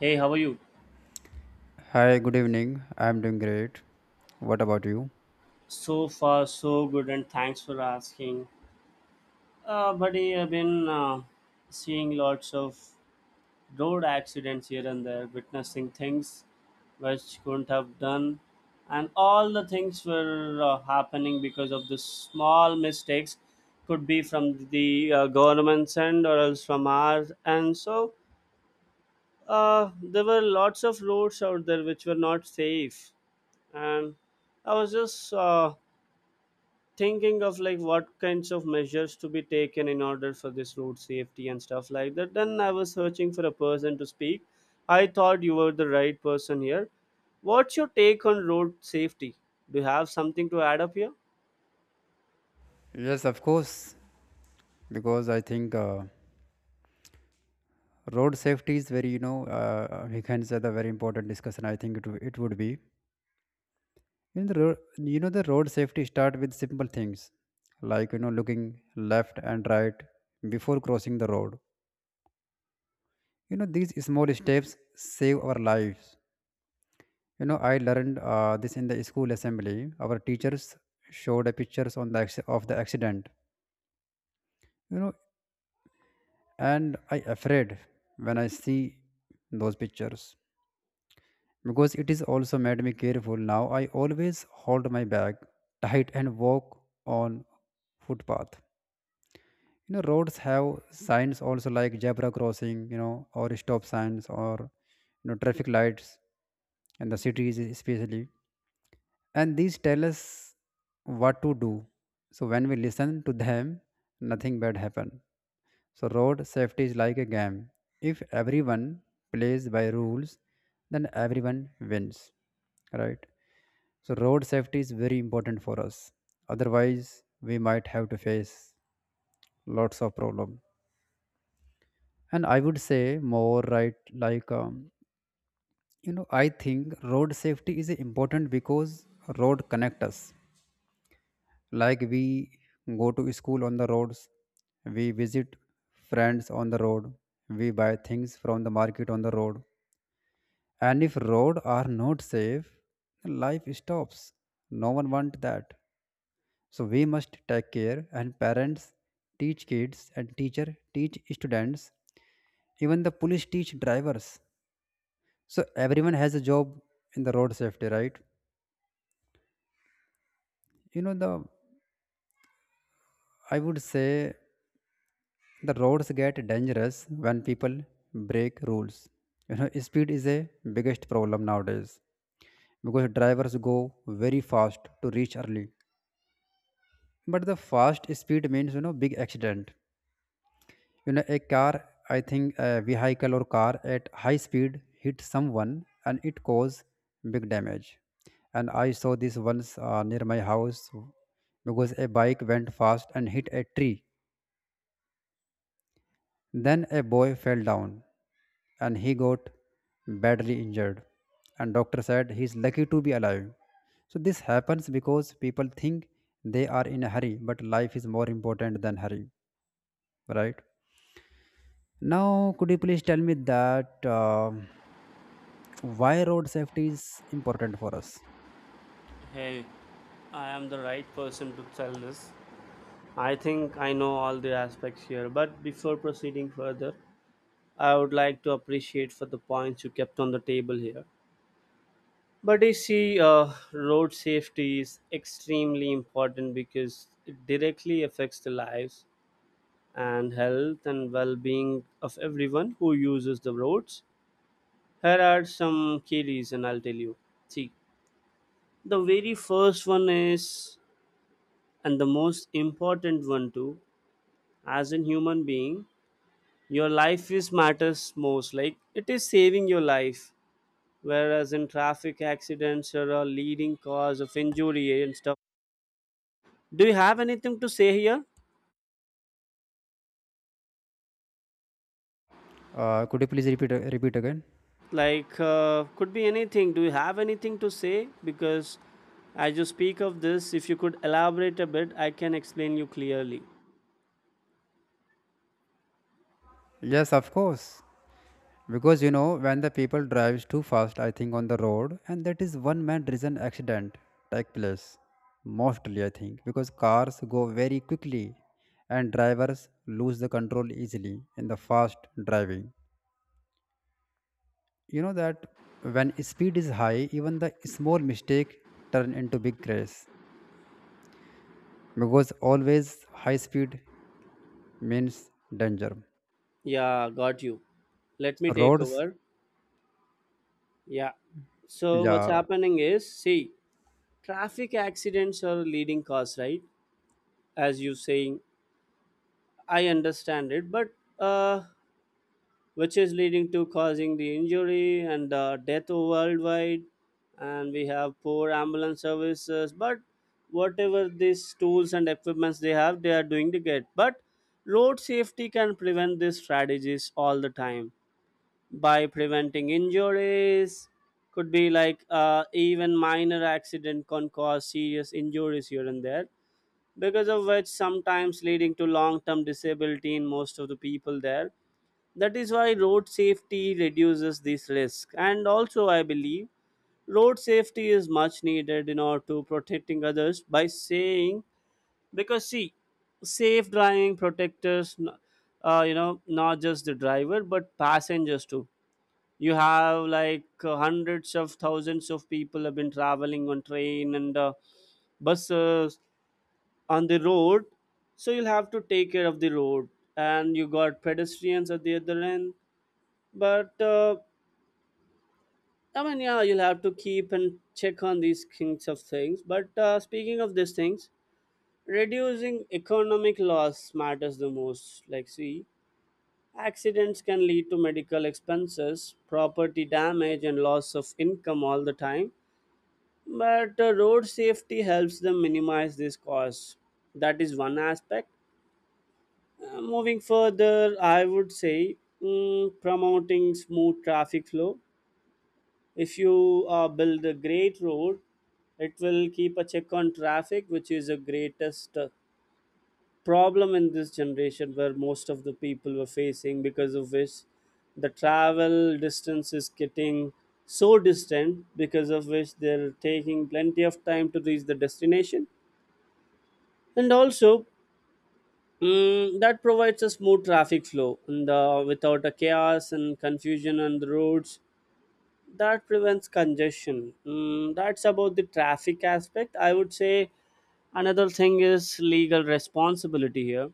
Hey, how are you? Hi, good evening. I'm doing great. What about you? So far, so good, and thanks for asking. Buddy, I've been seeing lots of road accidents here and there, witnessing things which couldn't have done, and all the things were happening because of the small mistakes, could be from the government's end or else from ours. And so, there were lots of roads out there which were not safe, and I was just thinking of like what kinds of measures to be taken in order for this road safety and stuff like that. Then I was searching for a person to speak. I thought you were the right person here. What's your take on road safety? Do you have something to add up here? Yes, of course, because I think road safety is very, you know, we can say the very important discussion. I think it would be. You know, the road safety start with simple things like, you know, looking left and right before crossing the road. You know, these small steps save our lives. You know, I learned this in the school assembly. Our teachers showed a pictures on of the accident. You know, and I afraid when I see those pictures because it is also made me careful. Now I always hold my bag tight and walk on footpath. You know, roads have signs also like zebra crossing, you know, or stop signs or, you know, traffic lights in the cities especially, and these tell us what to do. So when we listen to them, nothing bad happen. So, road safety is like a game. If everyone plays by rules, then everyone wins, right? So, road safety is very important for us. Otherwise, we might have to face lots of problem. And I would say more right, like you know, I think road safety is important because road connect us. Like we go to school on the roads, we visit friends on the road, we buy things from the market on the road. And if roads are not safe, life stops. No one wants that. So we must take care, and parents teach kids and teacher teach students. Even the police teach drivers. So everyone has a job in the road safety, right? You know the I would say the roads get dangerous when people break rules. You know, speed is a biggest problem nowadays because drivers go very fast to reach early, but the fast speed means, you know, big accident. You know, a car, I think a vehicle or car at high speed hit someone and it cause big damage. And I saw this once near my house because a bike went fast and hit a tree, then a boy fell down and he got badly injured, and doctor said he's lucky to be alive. So this happens because people think they are in a hurry, but life is more important than hurry, right? Now, could you please tell me that why road safety is important for us? Hey, I am the right person to tell this. I think I know all the aspects here, but before proceeding further, I would like to appreciate for the points you kept on the table here. But you see, road safety is extremely important because it directly affects the lives and health and well being of everyone who uses the roads. Here are some key reasons I'll tell you. See, the very first one is, and the most important one too, as a human being, your life is matters most. Like it is saving your life, whereas in traffic accidents, are a leading cause of injury and stuff. Do you have anything to say here? Could you please repeat again? Like, could be anything. Do you have anything to say? Because as you speak of this, if you could elaborate a bit, I can explain you clearly. Yes, of course. Because you know when the people drives too fast, I think on the road, and that is one main reason accident take place. Mostly, I think because cars go very quickly, and drivers lose the control easily in the fast driving. You know that when speed is high, even the small mistake turn into big crash because always high speed means danger. Yeah, got you. Let me So take roads, over. Yeah. So, what's yeah, happening is, see, traffic accidents are leading cause, right? As you saying, I understand it, but uh, which is leading to causing the injury and death worldwide, and we have poor ambulance services, but whatever these tools and equipments they have, they are doing the good, but road safety can prevent these strategies all the time by preventing injuries. Could be like even minor accident can cause serious injuries here and there, because of which sometimes leading to long-term disability in most of the people there. That is why road safety reduces this risk. And also, I believe road safety is much needed in order to protecting others by saying, because see, safe driving protectors, you know, not just the driver but passengers too. You have like hundreds of thousands of people have been traveling on train and buses on the road, so you'll have to take care of the road. And you got pedestrians at the other end, but I mean, yeah, you'll have to keep and check on these kinds of things, but speaking of these things, reducing economic loss matters the most. Like, see, accidents can lead to medical expenses, property damage, and loss of income all the time, but road safety helps them minimize these costs. That is one aspect. Moving further, I would say, promoting smooth traffic flow. If you build a great road, it will keep a check on traffic, which is the greatest problem in this generation, where most of the people were facing, because of which the travel distance is getting so distant, because of which they're taking plenty of time to reach the destination. And also, that provides a smooth traffic flow and without a chaos and confusion on the roads, that prevents congestion. That's about the traffic aspect, I would say. Another thing is legal responsibility here.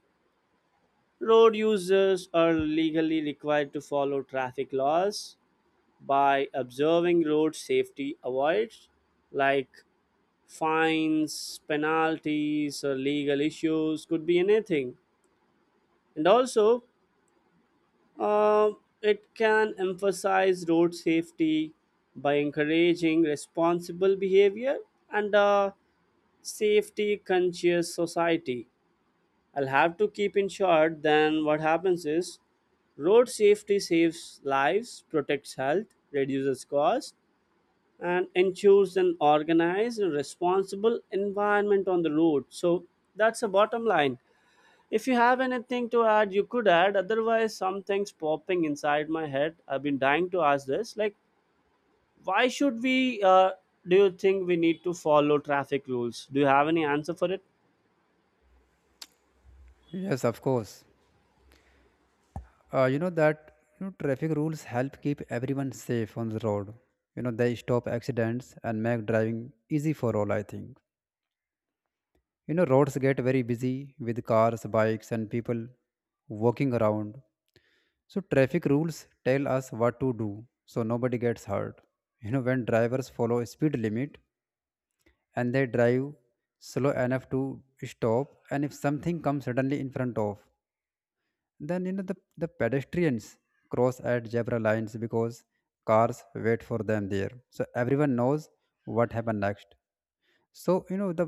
Road users are legally required to follow traffic laws. By observing road safety, avoids, like, fines, penalties, or legal issues, could be anything. And also, Um, it can emphasize road safety by encouraging responsible behavior and a safety conscious society. I'll have to keep in short. Then what happens is, road safety saves lives, protects health, reduces cost, and ensures an organized and responsible environment on the road. So that's the bottom line. If you have anything to add, you could add. Otherwise, something's popping inside my head. I've been dying to ask this. Like, why should we? Do you think we need to follow traffic rules? Do you have any answer for it? yes, of course. You know that, you know, traffic rules help keep everyone safe on the road. You know, they stop accidents and make driving easy for all, I think. You know, roads get very busy with cars, bikes, and people walking around. So traffic rules tell us what to do, so nobody gets hurt. You know, when drivers follow speed limit, and they drive slow enough to stop and if something comes suddenly in front of, then you know the pedestrians cross at zebra lines because cars wait for them there, so everyone knows what happened next. So you know the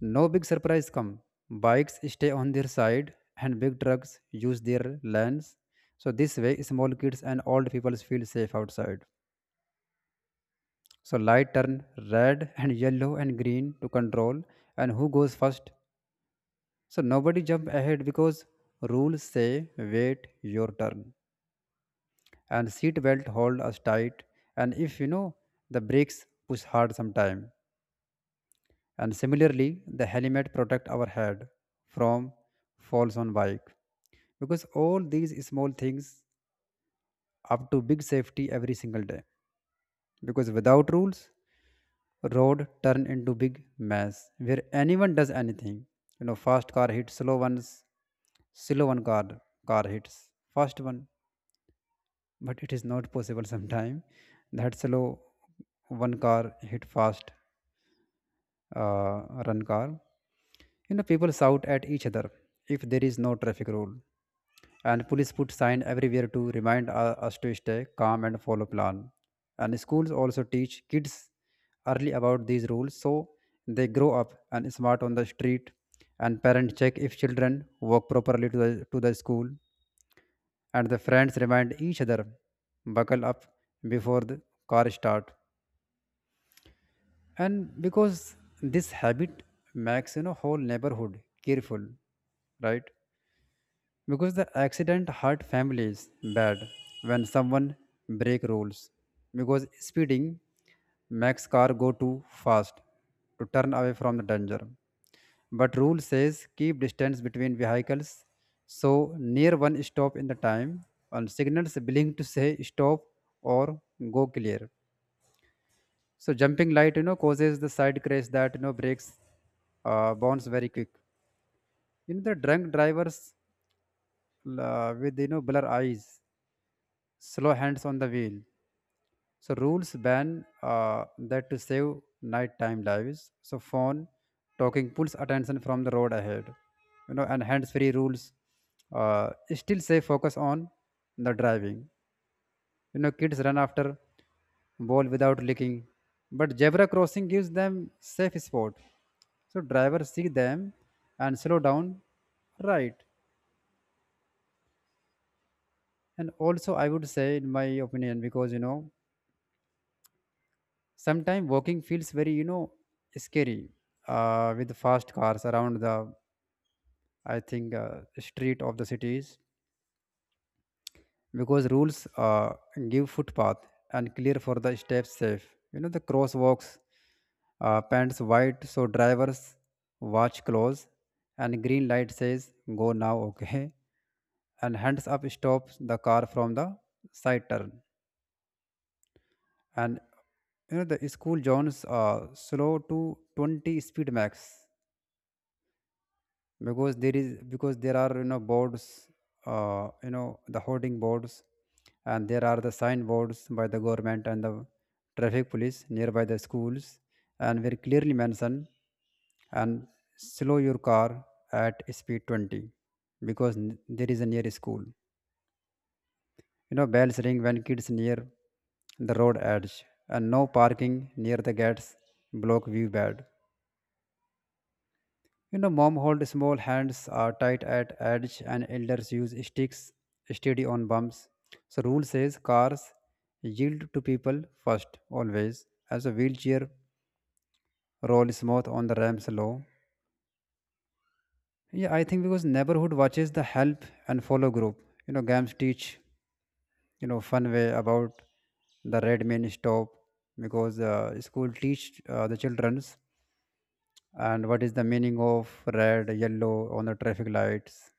no big surprise come. Bikes stay on their side and big trucks use their lanes, so this way small kids and old people feel safe outside. So light turn red and yellow and green to control and who goes first. So nobody jump ahead because rules say wait your turn. And seat belt hold us tight, and if you know the brakes push hard sometime. And similarly the helmet protect our head from falls on bike, because all these small things up to big safety every single day. Because without rules, road turn into big mess where anyone does anything. You know, fast car hits slow ones, slow one car, car hits fast one. But it is not possible sometime that slow one car hit fast uh, run car. You know, people shout at each other if there is no traffic rule. And police put sign everywhere to remind us to stay calm and follow plan. And schools also teach kids early about these rules, so they grow up and smart on the street. And parents check if children walk properly to the school. And the friends remind each other buckle up before the car start. And because this habit makes, you know, whole neighborhood careful, right? Because the accident hurt families bad when someone break rules. Because speeding makes car go too fast to turn away from the danger, but rule says keep distance between vehicles, so near one stop in the time. And signals blink to say stop or go clear, so jumping light, you know, causes the side crash that, you know, breaks bounce very quick. You know, the drunk drivers with, you know, blur eyes, slow hands on the wheel. So rules ban that to save nighttime lives. So phone talking pulls attention from the road ahead. You know, and hands-free rules still say focus on the driving. You know, kids run after ball without looking, but zebra crossing gives them safe spot. So drivers see them and slow down, right? And also, I would say, in my opinion, because you know sometimes walking feels very, you know, scary with fast cars around the I think street of the cities, because rules give footpath and clear for the steps safe. You know, the crosswalks pants white so drivers watch close, and green light says go now okay. And hands up stops the car from the side turn. And you know the school zones slow to 20 speed max because there is because there are, you know, boards you know, the hoarding boards, and there are the signboards by the government and the traffic police nearby the schools, and very clearly mentioned, and slow your car at speed 20 because there is a near school. You know, bells ring when kids near the road edge, and no parking near the gates block view bad. You know, mom hold small hands are tight at edge and elders use sticks steady on bumps. So rule says cars yield to people first always, as a wheelchair roll smooth on the ramps low. Yeah, I think because neighborhood watches the help and follow group. You know, games teach, you know, fun way about the red mean stop. Because school teach the children's and what is the meaning of red, yellow on the traffic lights,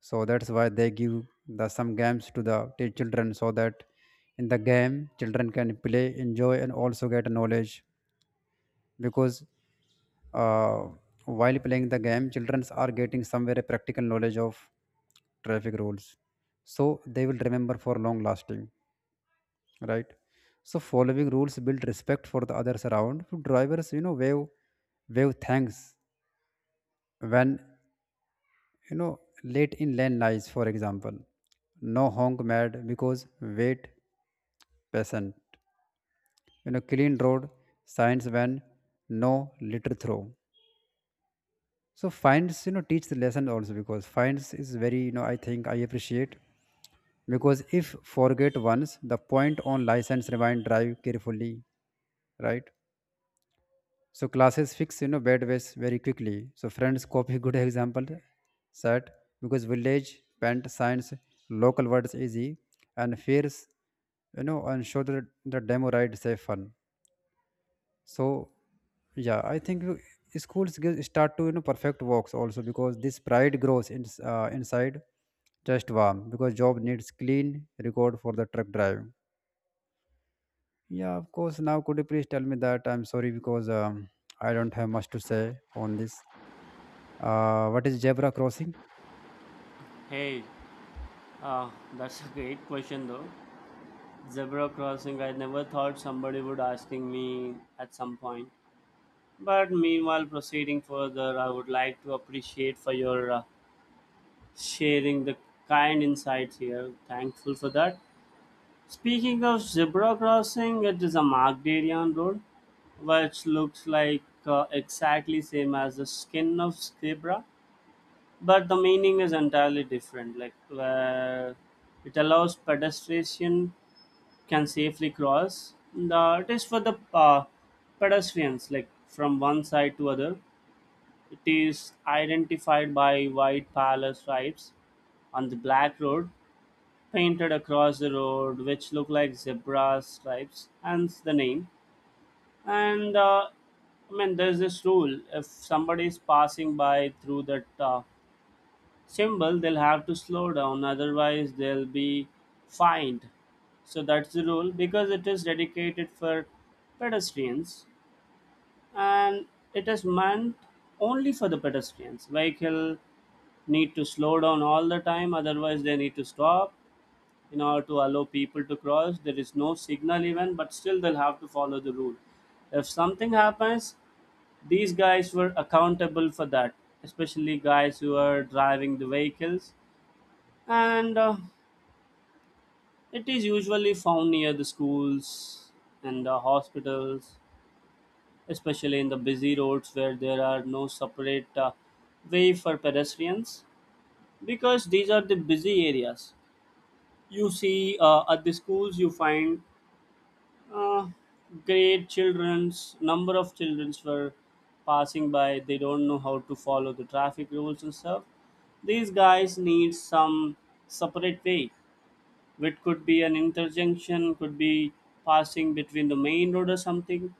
so that's why they give the some games to children so that in the game children can play enjoy and also get knowledge. Because uh, while playing the game children are getting somewhere very practical knowledge of traffic rules, so they will remember for long lasting, right? So following rules build respect for the others around. So drivers, you know, wave thanks when, you know, late in lane lies, for example. No honk mad because wait patient. You know, clean road signs when no litter throw. So fines, you know, teach the lesson also, because fines is very, you know, I think I appreciate because if forget once the point on license remind drive carefully, right? So classes fix, you know, bad ways very quickly. So friends copy good example set. Because village paint science local words easy and fears, you know, and show the demo ride safe fun. So yeah, I think schools give, start to, you know, perfect works also because this pride grows in, inside just warm, because job needs clean record for the truck drive. Yeah, of course. Now, could you please tell me that? I'm sorry because I don't have much to say on this. What is zebra crossing? Hey, uh, that's a great question though. Zebra crossing, I never thought somebody would asking me at some point. But meanwhile, proceeding further, I would like to appreciate for your sharing the kind insights here. Thankful for that. Speaking of zebra crossing, it is a marked area on road, which looks like exactly same as the skin of zebra, but the meaning is entirely different. Like, where it allows pedestrian can safely cross. It is for the pedestrians, like from one side to other. It is identified by white parallel stripes on the black road, painted across the road, which look like zebra stripes, hence the name. And I mean, there's this rule, if somebody is passing by through that symbol, they'll have to slow down, otherwise they'll be fined. So that's the rule, because it is dedicated for pedestrians, and it is meant only for the pedestrians. Vehicle need to slow down all the time, otherwise they need to stop in order to allow people to cross. There is no signal even, but still they'll have to follow the rule. If something happens, these guys were accountable for that, especially guys who are driving the vehicles. And it is usually found near the schools and the hospitals, especially in the busy roads where there are no separate way for pedestrians, because these are the busy areas. You see, at the schools, you find, uh, great children's, number of childrens were passing by. They don't know how to follow the traffic rules and stuff. These guys need some separate way, which could be an interjunction, could be passing between the main road or something.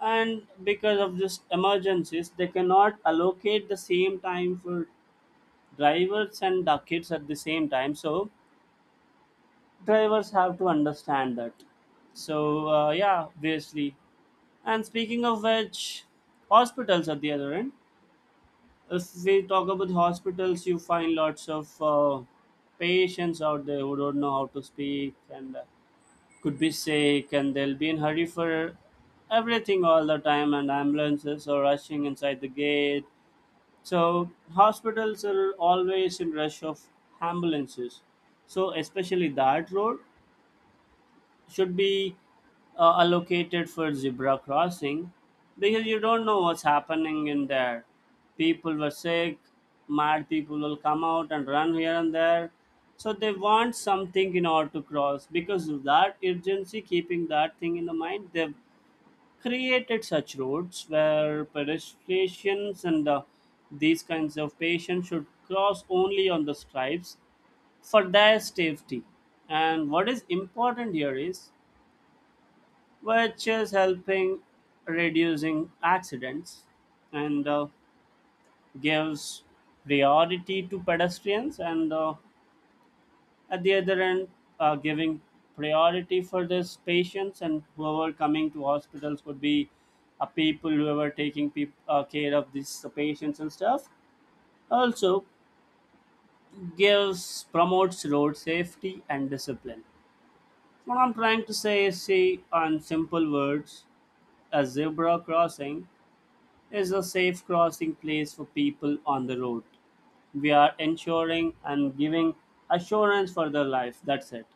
And because of this emergencies, they cannot allocate the same time for drivers and the kids at the same time. So drivers have to understand that. So yeah, obviously. And speaking of which, hospitals at the other end. If we talk about hospitals, you find lots of patients out there who don't know how to speak, and could be sick, and they'll be in hurry for everything all the time, and ambulances are rushing inside the gate. So hospitals are always in rush of ambulances. So especially that road should be allocated for zebra crossing, because you don't know what's happening in there. People were sick. Mad people will come out and run here and there. So they want something in order to cross because of that urgency. Keeping that thing in the mind, they've created such roads where pedestrians and these kinds of patients should cross only on the stripes for their safety. And what is important here is which is helping reducing accidents and gives priority to pedestrians, and at the other end, giving priority for these patients, and whoever coming to hospitals would be people who are taking peop care of these patients and stuff. Also gives promotes road safety and discipline. What I'm trying to say is, see, on simple words, a zebra crossing is a safe crossing place for people on the road. We are ensuring and giving assurance for their life. That's it.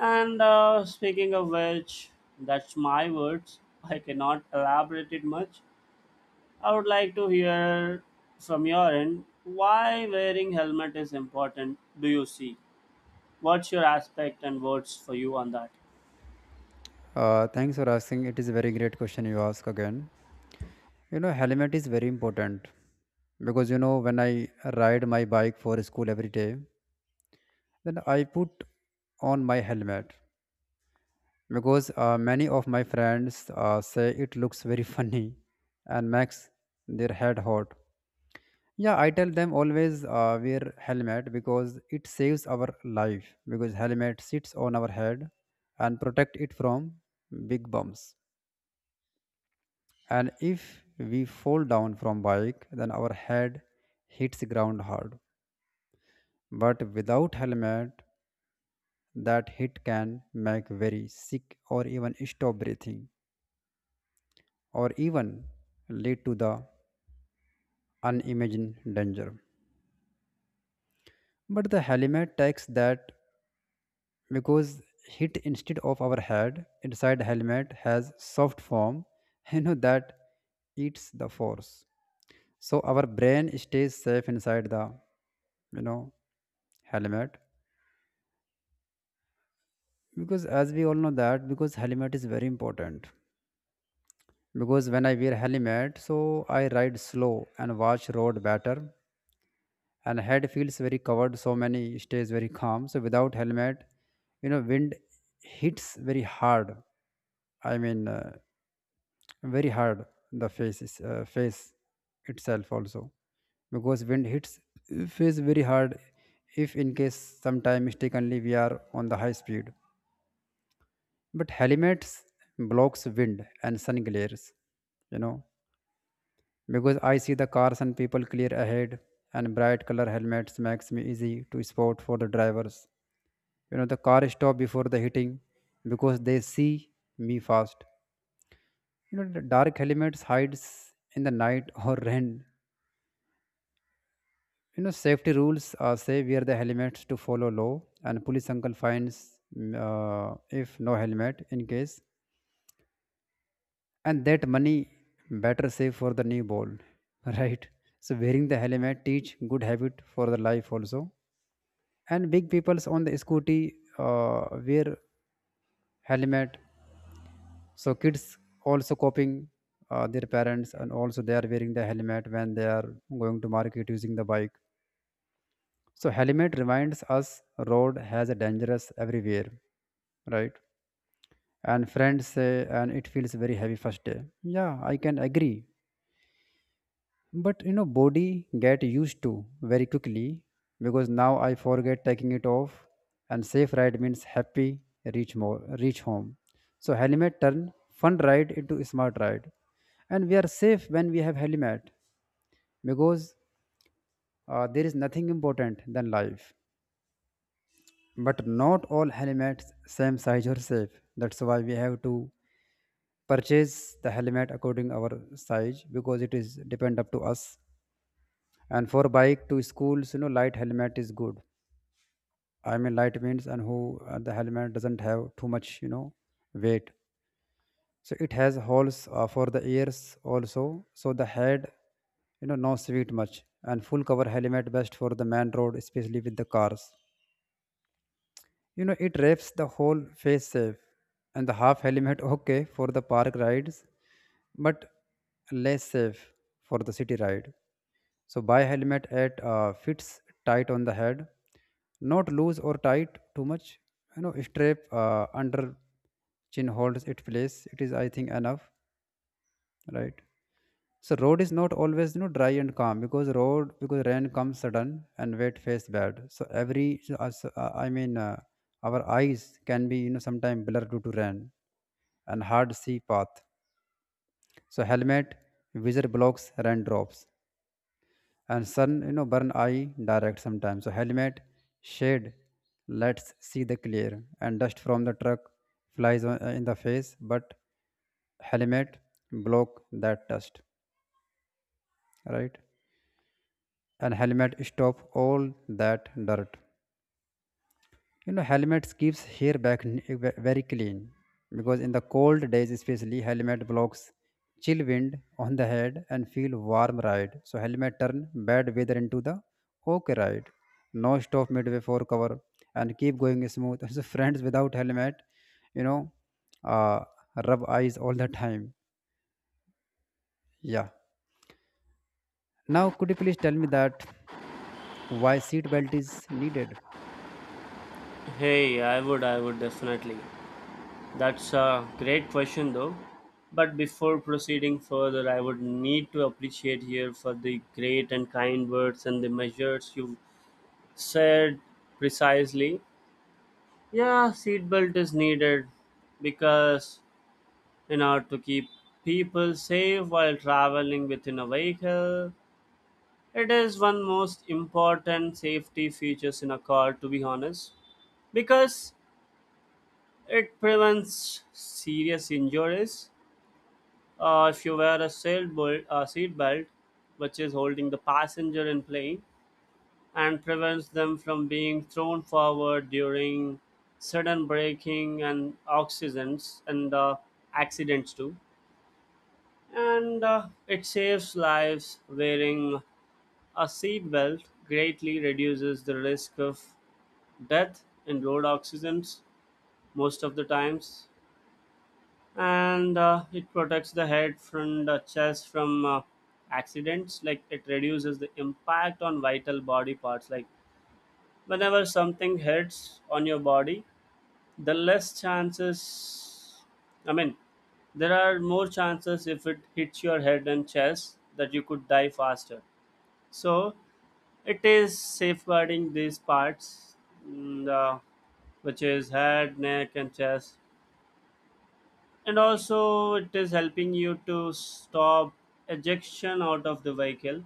And speaking of which, that's my words. I cannot elaborate it much. I would like to hear from your end why wearing helmet is important. Do you see? What's your aspect and words for you on that? Thanks for asking. It is a very great question you ask again. You know, helmet is very important because you know when I ride my bike for school every day, then I put on my helmet because many of my friends say it looks very funny and makes their head hot. Yeah, I tell them always wear helmet because it saves our life, because helmet sits on our head and protect it from big bumps. And if we fall down from bike, then our head hits the ground hard. But without helmet, that hit can make very sick or even stop breathing or even lead to the unimagined danger. But the helmet takes that because hit instead of our head inside helmet has soft form that eats the force, so our brain stays safe inside the you know helmet. Because as we all know that, because helmet is very important, because when I wear helmet, so I ride slow and watch road better, and head feels very covered, so many stays very calm. So without helmet, wind hits very hard. i mean uh, Very hard. The face is, face itself also, because wind hits face very hard if in case sometime mistakenly we are on the high speed. But helmets blocks wind and sun glares, you know because I see the cars and people clear ahead. And bright color helmets makes me easy to spot for the drivers. The car stop before the hitting because they see me fast. The dark helmets hides in the night or rain. Safety rules say wear the helmets to follow law, and police uncle finds if no helmet in case, and that money better save for the new ball, right? So wearing the helmet teach good habit for the life also, and big people's on the scooty wear helmet, so kids also copying their parents, and also they are wearing the helmet when they are going to market using the bike. So helmet reminds us road has a dangerous everywhere, right? And friends say and it feels very heavy first day. Yeah, I can agree. But you know body get used to very quickly because now I forget taking it off, and safe ride means happy reach more reach home. So helmet turn fun ride into smart ride. And we are safe when we have helmet because there is nothing important than life. But not all helmets same size or safe. That's why we have to purchase the helmet according our size, because it is depend up to us. And for bike to schools, light helmet is good. Light means and who the helmet doesn't have too much, weight. So it has holes for the ears also. So the head, no sweet much. And full cover helmet best for the man road, especially with the cars. You know, it wraps the whole face safe. And the half helmet okay for the park rides, but less safe for the city ride. So buy helmet at fits tight on the head, not loose or tight too much. Strap under chin holds it place. It is I think enough, right? So road is not always dry and calm, because rain comes sudden and wet face bad. So every our eyes can be sometimes blurred due to rain, and hard see path. So helmet visor blocks rain drops, and sun burn eye direct sometimes. So helmet shade lets see the clear. And dust from the truck flies in the face, but helmet block that dust, right? And helmet stop all that dirt. Helmets keeps hair back very clean. Because in the cold days especially helmet blocks chill wind on the head and feel warm ride, so helmet turn bad weather into the okay ride, no stop midway for cover, and keep going smooth. So friends without helmet, you know uh, rub eyes all the time. Yeah. Now could you please tell me that why seat belt is needed? Hey, I would definitely. That's a great question, though. But before proceeding further, I would need to appreciate here for the great and kind words and the measures you said precisely. Yeah, seatbelt is needed because in order to keep people safe while traveling within a vehicle, it is one most important safety features in a car. To be honest, because it prevents serious injuries. If you wear a sailboat, seat belt, which is holding the passenger in plane and prevents them from being thrown forward during sudden braking and accidents too. And it saves lives. Wearing a seat belt greatly reduces the risk of death in road accidents most of the times, and it protects the head from the chest from accidents. Like, it reduces the impact on vital body parts. Like, whenever something hits on your body, the less chances, I mean, there are more chances if it hits your head and chest that you could die faster. So it is safeguarding these parts, mm, the, which is head, neck, and chest. And also, it is helping you to stop ejection out of the vehicle,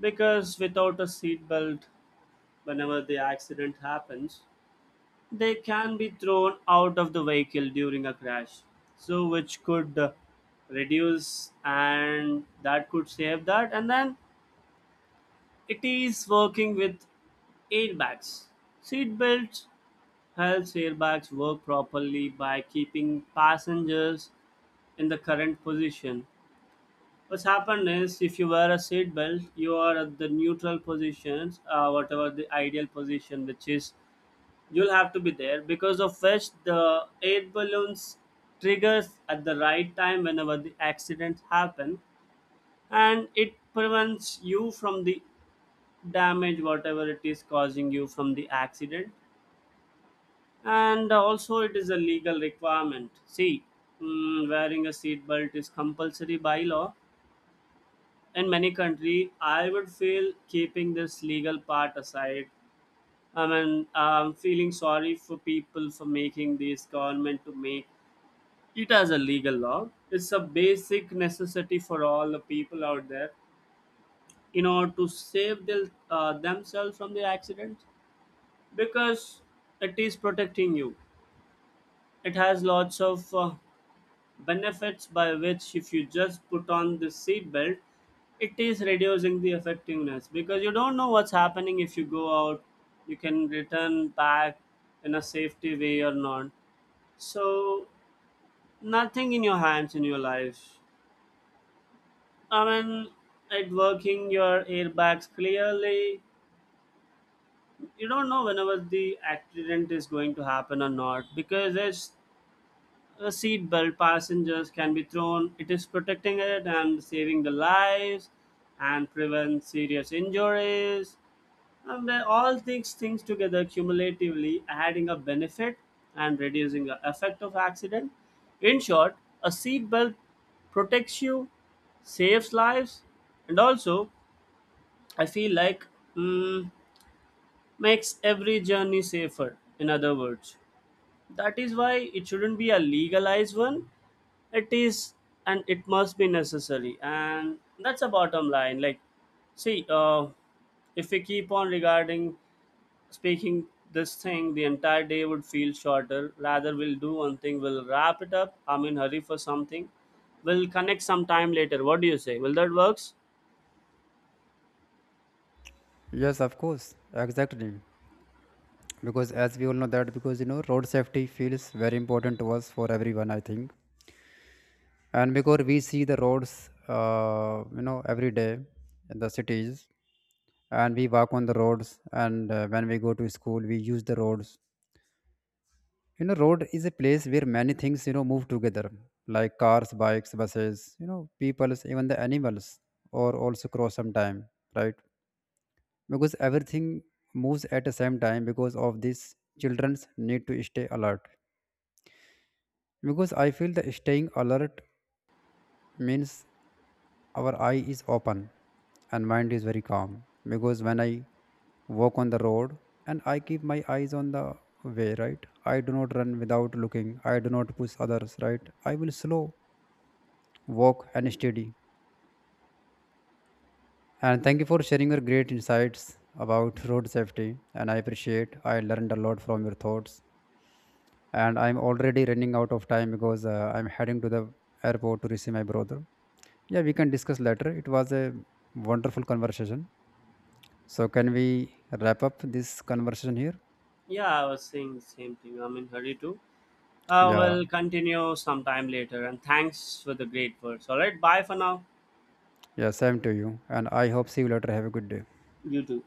because without a seat belt, whenever the accident happens, they can be thrown out of the vehicle during a crash. So which could reduce, and that could save that. And then it is working with airbags. Seat belts helps airbags work properly by keeping passengers in the current position. What's happened is, if you wear a seat belt, you are at the neutral positions, whatever the ideal position, which is you'll have to be there, because of which the air balloons triggers at the right time whenever the accidents happen, and it prevents you from the damage whatever it is causing you from the accident. And also, it is a legal requirement. See, wearing a seat belt is compulsory by law in many country. I would feel, keeping this legal part aside, I mean, I'm feeling sorry for people for making this government to make it as a legal law. It's a basic necessity for all the people out there in order to save their, themselves from the accidents, because it is protecting you. It has lots of benefits, by which if you just put on the seat belt, it is reducing the effectiveness, because you don't know what's happening. If you go out, you can return back in a safety way or not. So nothing in your hands in your life, I mean, at working your airbags clearly. You don't know whenever the accident is going to happen or not, because it's a seatbelt. Passengers can be thrown. It is protecting it and saving the lives and prevent serious injuries. And all these things together cumulatively adding a benefit and reducing the effect of accident. In short, a seatbelt protects you, saves lives, and also I feel like, mm, makes every journey safer. In other words, that is why it shouldn't be a legalized one. It is, and it must be necessary. And that's a bottom line. Like, see, if we keep on regarding speaking this thing, the entire day would feel shorter. Rather, we'll do one thing. We'll wrap it up. I'm in hurry for something. We'll connect some time later. What do you say? Will that works? Yes, of course, exactly. Because as we all know that, because road safety feels very important to us for everyone, I think. And because we see the roads, every day in the cities, and we walk on the roads, and when we go to school, we use the roads. You know, road is a place where many things move together, like cars, bikes, buses, peoples, even the animals, or also cross sometime, right? Because everything moves at the same time. Because of this, children's need to stay alert, because I feel that staying alert means our eye is open and mind is very calm. Because when I walk on the road and I keep my eyes on the way, right, I do not run without looking, I do not push others, right, I will slow walk and steady. And thank you for sharing your great insights about road safety, and I appreciate, I learned a lot from your thoughts. And I'm already running out of time because I'm heading to the airport to receive my brother. Yeah, we can discuss later, it was a wonderful conversation. So can we wrap up this conversation here? Yeah, I was saying the same thing. I'm in hurry too. Yeah. We'll continue sometime later. And thanks for the great words. All right. Bye for now. Yeah, same to you, and I hope see you later, have a good day. You too.